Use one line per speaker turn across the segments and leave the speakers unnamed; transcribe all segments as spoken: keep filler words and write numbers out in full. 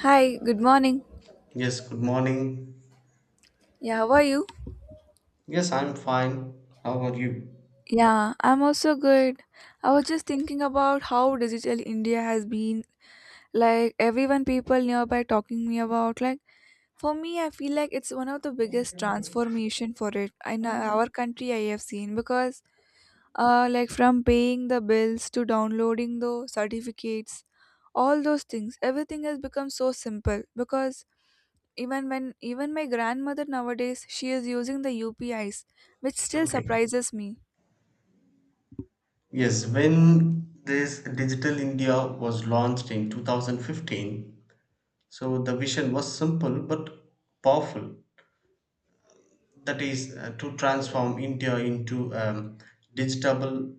Hi, good morning.
Yes, good morning.
Yeah, how are you?
Yes, I'm fine. How are you?
Yeah, I'm also good. I was just thinking about how digital India has been. Like everyone people nearby talking me about like for me I feel like it's one of the biggest transformation for it in our country I have seen because uh like from paying the bills to downloading the certificates all those things everything has become so simple because even when even my grandmother nowadays she is using the U P Is, which still
Okay.
surprises me.
Yes, when this Digital India was launched in twenty fifteen, so the vision was simple but powerful. That is uh, to transform India into a digital,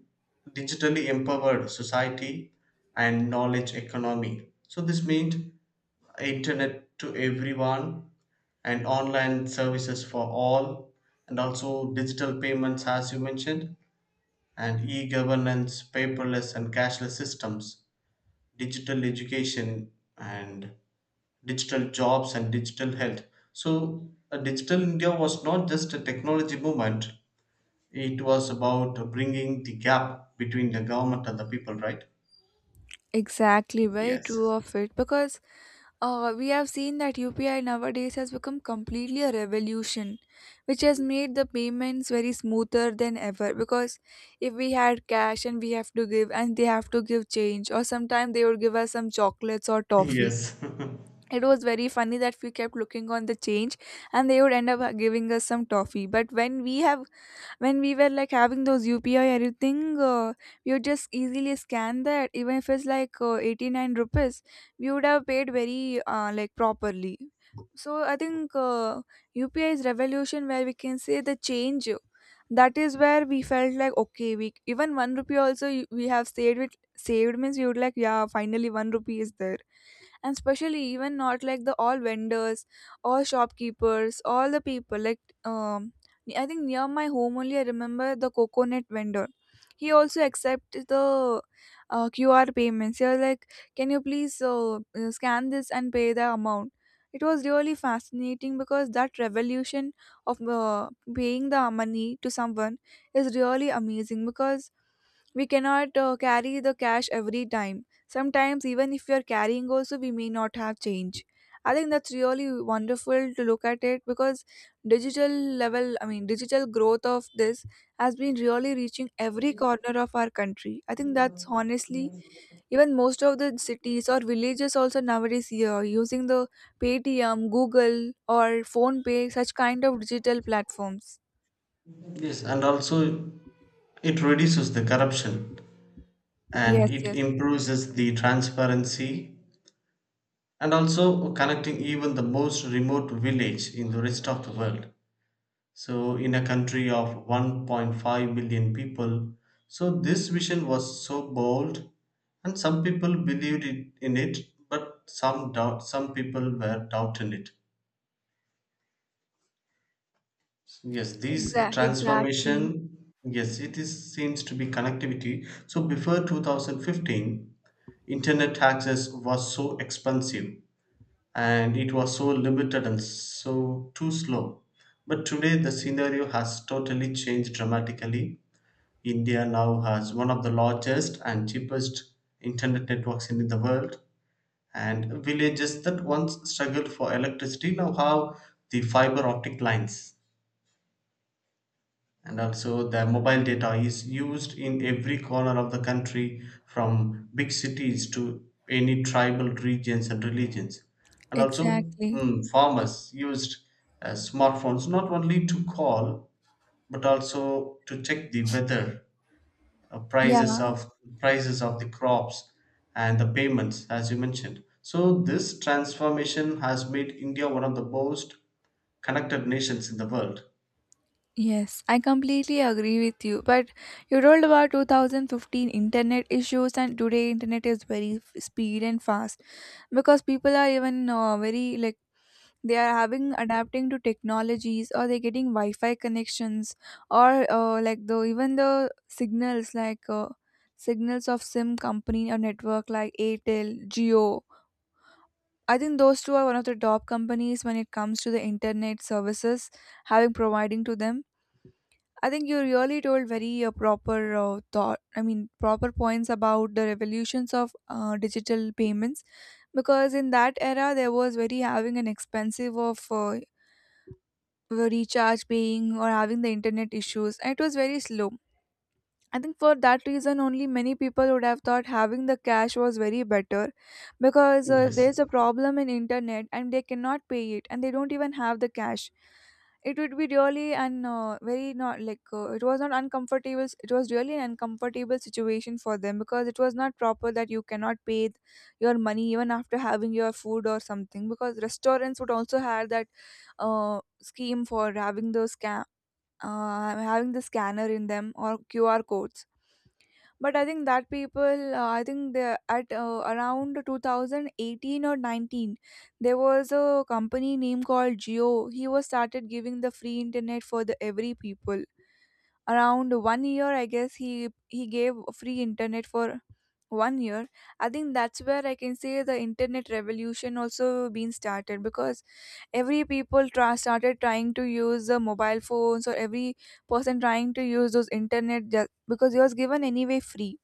digitally empowered society and knowledge economy. So this means internet to everyone and online services for all, and also digital payments as you mentioned, and e-governance, paperless and cashless systems, digital education and digital jobs and digital health. So, uh, Digital India was not just a technology movement, it was about bringing the gap between the government and the people, right?
Exactly, very true
Yes.
of it because uh, we have seen that U P I nowadays has become completely a revolution, which has made the payments very smoother than ever. Because if we had cash and we have to give, and they have to give change, or sometimes they would give us some chocolates or toffee.
Yes.
It was very funny that we kept looking on the change and they would end up giving us some toffee. But when we have when we were like having those U P I everything, uh, you just easily scan that. Even if it's like uh, eighty-nine rupees, we would have paid very uh, like properly. So I think uh, U P I is revolution where we can say the change. That is where we felt like okay, we even one rupee also you- we have saved it. Saved means you would like yeah, finally one rupee is there, and especially even not like the all vendors, all shopkeepers, all the people like um I think near my home only I remember the coconut vendor. He also accepted the uh, QR payments. He was like, can you please uh, uh, scan this and pay the amount. It was really fascinating because that revolution of uh, paying the money to someone is really amazing because we cannot uh, carry the cash every time. Sometimes even if we are carrying also we may not have change. I think that's really wonderful to look at it because digital level I mean digital growth of this has been really reaching every corner of our country. I think that's honestly even most of the cities or villages also nowadays here using the Paytm, Google, or Phone Pay, such kind of digital platforms.
Yes, and also it reduces the corruption and
Yes,
it
yes.
improves the transparency, and also connecting even the most remote village in the rest of the world. So, in a country of one point five million people, so this vision was so bold, and some people believed it, in it, but some doubt, some people were doubting it. Yes, this
exactly exactly
transformation, yes, it is seems to be connectivity. So, before two thousand fifteen, internet access was so expensive and it was so limited and so too slow. But today the scenario has totally changed dramatically. India now has one of the largest and cheapest internet networks in the world, and villages that once struggled for electricity now have the fiber optic lines. And also, the mobile data is used in every corner of the country from big cities to any tribal regions and religions. And also,
exactly
mm, farmers used uh, smartphones not only to call but also to check the weather, uh, prices
Yeah,
of prices of the crops and the payments as you mentioned. So this transformation has made India one of the most connected nations in the world.
yes, I completely agree with you. But you told about two thousand fifteen internet issues, and today internet is very f- speed and fast because people are even uh, very like they are having adapting to technologies, or they're getting Wi-Fi connections, or uh, like the even the signals like uh, signals of SIM company or network like Airtel, Geo. I think those two are one of the top companies when it comes to the internet services having providing to them. I think you really told very uh, proper uh, thought. I mean, proper points about the revolutions of uh, digital payments because in that era there was very having an expensive of uh, recharge paying or having the internet issues. And it was very slow. I think for that reason only many people would have thought having the cash was very better because uh, if
Yes,
there's a problem in internet and they cannot pay it and they don't even have the cash, it would be really an uh, very not like uh, it was not uncomfortable, it was really an uncomfortable situation for them because it was not proper that you cannot pay th- your money even after having your food or something because restaurants would also have that uh, scheme for having the scan, uh, having the scanner in them or QR codes. But I think that people, uh, I think they at uh, around two thousand eighteen or nineteen, there was a company name called Geo. He was started giving the free internet for the every people. Around one year, I guess he he gave free internet for one year. I think that's where I can say the internet revolution also been started because every people tra- started trying to use the mobile phones, or every person trying to use those internet just because it was given anyway free.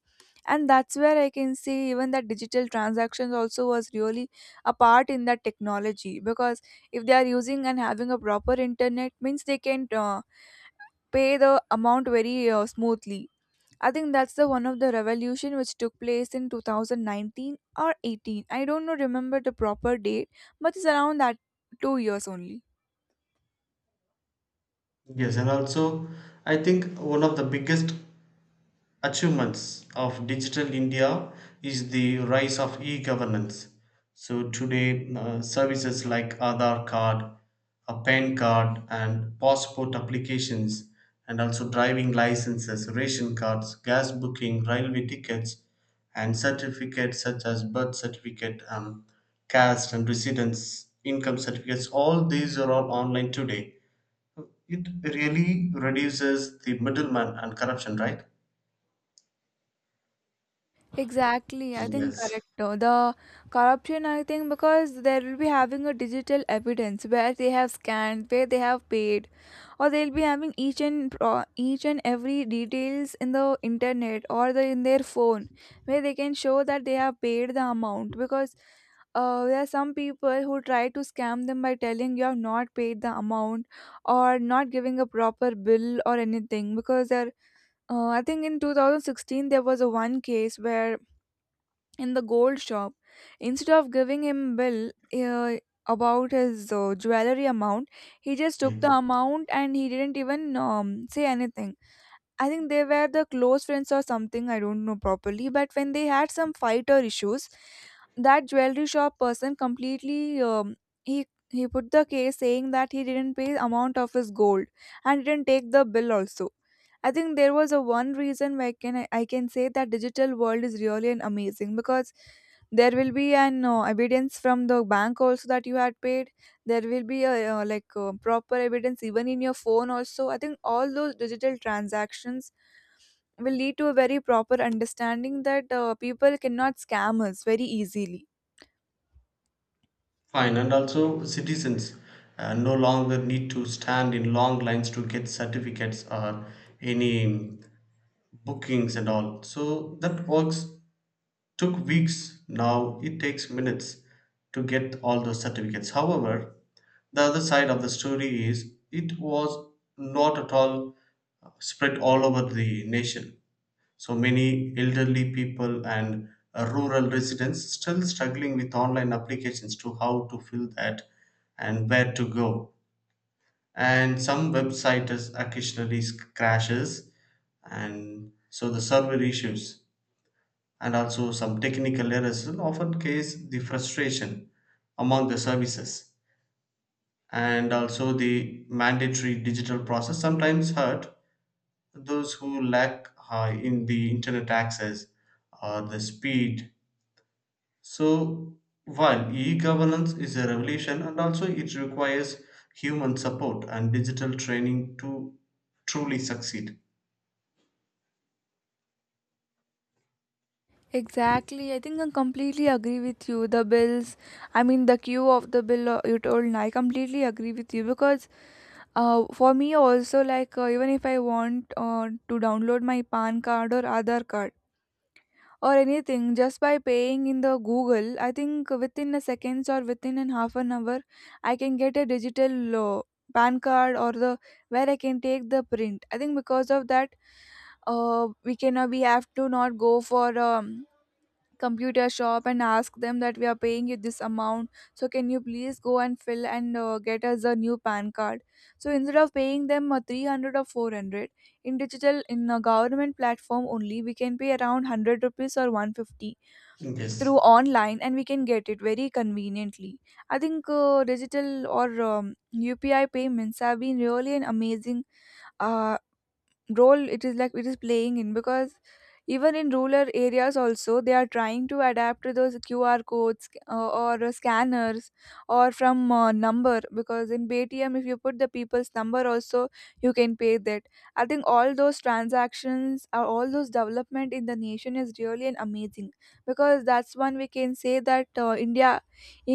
And that's where I can see even that digital transactions also was really a part in that technology because if they are using and having a proper internet means they can uh, pay the amount very uh, smoothly. I think that's the one of the revolution which took place in two thousand nineteen or eighteen, I don't know remember the proper date, but it's around that two years only.
yes, and also I think one of the biggest achievements of Digital India is the rise of e-governance. So today, uh, services like Aadhaar card, a PAN card, and passport applications, and also driving licenses, ration cards, gas booking, railway tickets, and certificates such as birth certificate, um, caste and residence, income certificates. All these are all online today. It really reduces the middleman and corruption, right?
Exactly, I think
Yes.
correct. uh, The corruption, I think, because they will be having a digital evidence where they have scanned, where they have paid, or they'll be having each and pro- each and every details in the internet or the in their phone, where they can show that they have paid the amount. Because uh, there are some people who try to scam them by telling you have not paid the amount or not giving a proper bill or anything because they're uh, I think in two thousand sixteen there was a one case where in the gold shop instead of giving him bill uh, about his uh, jewelry amount, he just took
Okay.
the amount and he didn't even um, say anything. I think they were the close friends or something, I don't know properly, but when they had some fight or issues, that jewelry shop person completely um, he he put the case saying that he didn't pay amount of his gold and didn't take the bill also. I think there was a one reason why can I can say that digital world is really an amazing because there will be an uh, evidence from the bank also that you had paid. There will be a uh, like uh, proper evidence even in your phone also. I think all those digital transactions will lead to a very proper understanding that uh, people cannot scam us very easily.
Fine, and also citizens uh, no longer need to stand in long lines to get certificates or any bookings and all. So that works took weeks. Now it takes minutes to get all those certificates. However, the other side of the story is it was not at all spread all over the nation. So many elderly people and uh, rural residents still struggling with online applications, to how to fill that and where to go. And some websites occasionally s- crashes, and so the server issues and also some technical errors will often cause the frustration among the services. And also the mandatory digital process sometimes hurt those who lack uh, in the internet access or the speed. So, while e governance is a revolution, and also it requires human support and digital training to truly succeed.
Exactly. I think I completely agree with you. The bills, I mean, the queue of the bill uh, you told, I completely agree with you because uh, for me also, like, uh, even if I want uh, to download my PAN card or Aadhaar card, or anything just by paying in the Google, I think within a seconds or within an half an hour I can get a digital uh, PAN card, or the where I can take the print. I think because of that uh, we cannot we have to not go for um, computer shop and ask them that we are paying you this amount, so can you please go and fill and uh, get us a new PAN card. So instead of paying them uh, three hundred or four hundred in digital, in a government platform only we can pay around one hundred rupees or one hundred fifty
Yes,
through online, and we can get it very conveniently. I think uh, digital or um, UPI payments have been really an amazing uh, role it is like it is playing in because even in rural areas also they are trying to adapt to those QR codes uh, or uh, scanners, or from uh, number, because in Paytm if you put the people's number also you can pay that. I think all those transactions or all those development in the nation is really an amazing because that's one we can say that uh, india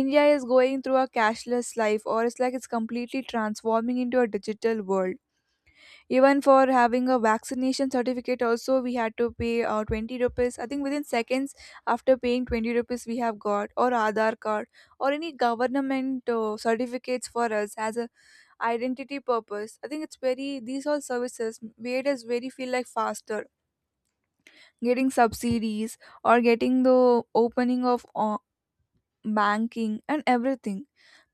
india is going through a cashless life, or it's like it's completely transforming into a digital world. Even for having a vaccination certificate, also we had to pay uh, twenty rupees. I think within seconds after paying twenty rupees, we have got or Aadhaar card or any government uh, certificates for us as a identity purpose. I think it's very these all services made us very feel like faster getting subsidies or getting the opening of uh, banking and everything.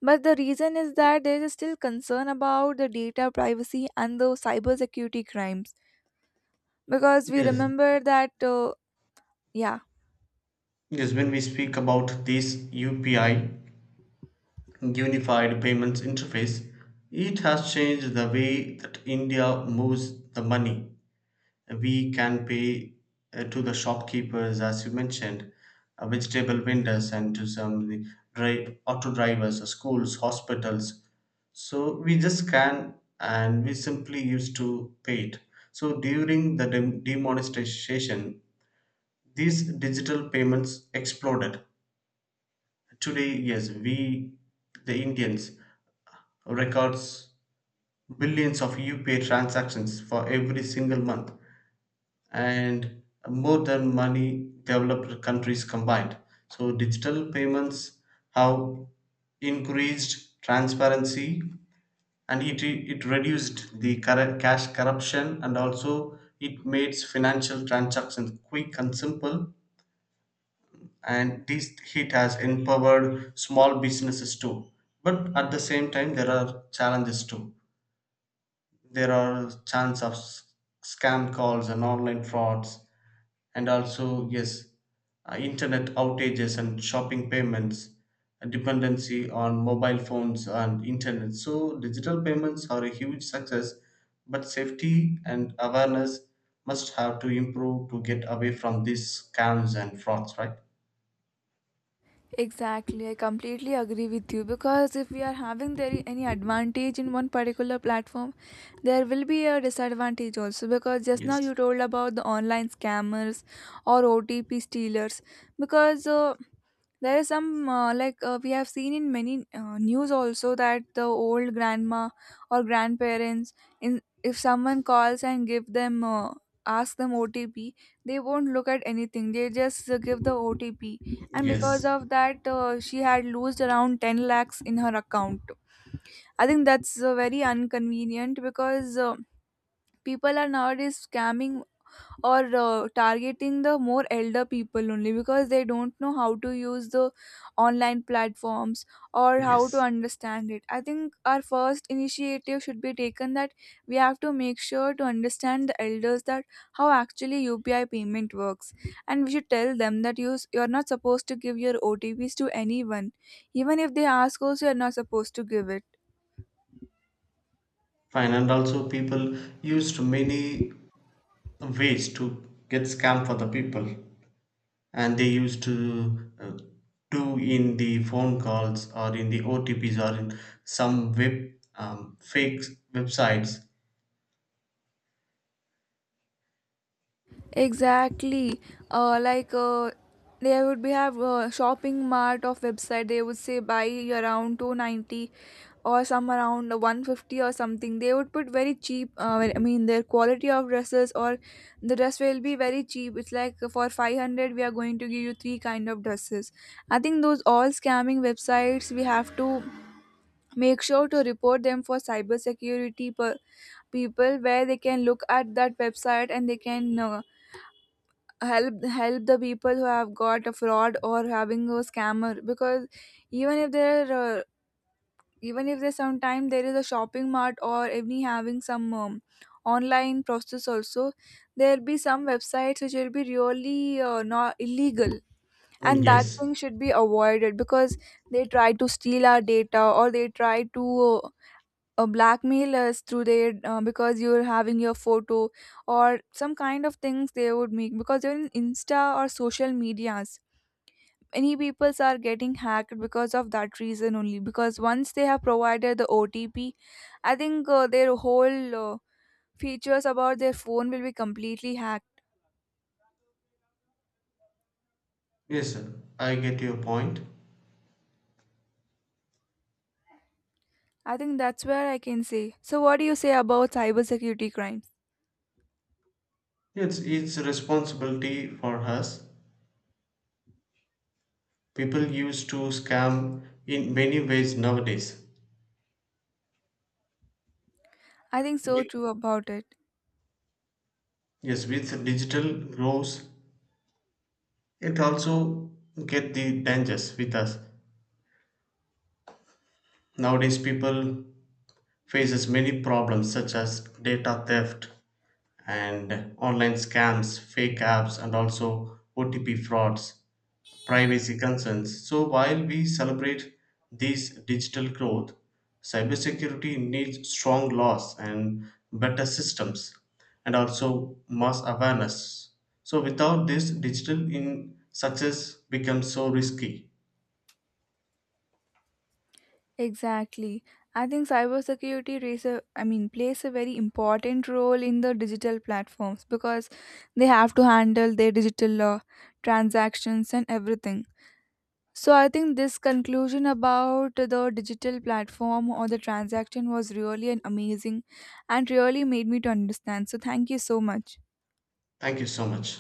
But the reason is that there is still concern about the data privacy and the cybersecurity crimes because we
yes,
remember that uh, yeah
yes. When we speak about this U P I, Unified Payments Interface, it has changed the way that India moves the money. We can pay, uh, to the shopkeepers as you mentioned, uh, vegetable vendors and to some the dri- auto drivers, uh, schools, hospitals. So we just scan and we simply used to pay it. So during the dem- demonetization, these digital payments exploded. Today, yes, we the Indians records billions of UPA transactions for every single month, and more than money developed countries combined. So digital payments have increased transparency and it, it reduced the corru- cash corruption, and also it makes financial transactions quick and simple, and this it has empowered small businesses too. But at the same time there are challenges too. There are chance of s- scam calls and online frauds, and also, yes, uh, internet outages and shopping payments, a dependency on mobile phones and internet. So digital payments are a huge success, but safety and awareness must have to improve to get away from these scams and frauds, right?
exactly I completely agree with you because if we are having there any advantage in one particular platform, there will be a disadvantage also because just now
Yes,
you told about the online scammers or OTP stealers. Because uh, there is some uh, like uh, we have seen in many uh, news also that the old grandma or grandparents in if someone calls and give them uh, ask them O T P, they won't look at anything, they just uh, give the O T P. And because
yes,
of that uh, she had lost around ten lakhs in her account. I think that's uh, very inconvenient because uh, people are nowadays scamming or uh, targeting the more elder people only because they don't know how to use the online platforms or how to
yes.
understand it. I think our first initiative should be taken that we have to make sure to understand the elders that how actually U P I payment works, and we should tell them that you you're not supposed to give your O T Ps to anyone, even if they ask also you're not supposed to give it.
Fine, and also people used many ways to get scam for the people, and they used to uh, do in the phone calls or in the O T Ps or in some web um, fake websites.
Exactly. Uh, like uh, they would be have a shopping mart of website. They would say buy around two ninety or some around one fifty or something. They would put very cheap. Uh, I mean their quality of dresses or the dress will be very cheap. It's like for five hundred we are going to give you three kind of dresses. I think those all scamming websites we have to make sure to report them for cyber security per- people where they can look at that website and they can. Uh, help help the people who have got a fraud or having a scammer because even if there uh, even if there's sometime there is a shopping mart or any having some um, online process also, there'll be some websites which will be really uh, not illegal,
Mm,
and that
yes,
thing should be avoided because they try to steal our data, or they try to uh, uh, blackmail us through their uh, because you're having your photo or some kind of things they would make because you're in Insta or social medias. Many peoples are getting hacked because of that reason only, because once they have provided the OTP, I think uh, their whole uh, features about their phone will be completely hacked.
yes, sir. I get your point.
I think that's where I can say, so what do you say about cybersecurity crimes?
It's it's a responsibility for us. People used to scam in many ways nowadays.
I think so
With-
too about it.
Yes, with digital growth, it also get the dangers with us. Nowadays, people faces many problems such as data theft and online scams, fake apps, and also O T P frauds, privacy concerns. So, while we celebrate these digital growth, cybersecurity needs strong laws and better systems, and also mass awareness. So, without this, digital in success becomes so risky.
Exactly. I think cybersecurity plays a, I mean, plays a very important role in the digital platforms because they have to handle their digital uh, transactions and everything. So I think this conclusion about the digital platform or the transaction was really an amazing and really made me to understand. So thank you so much.
Thank you so much.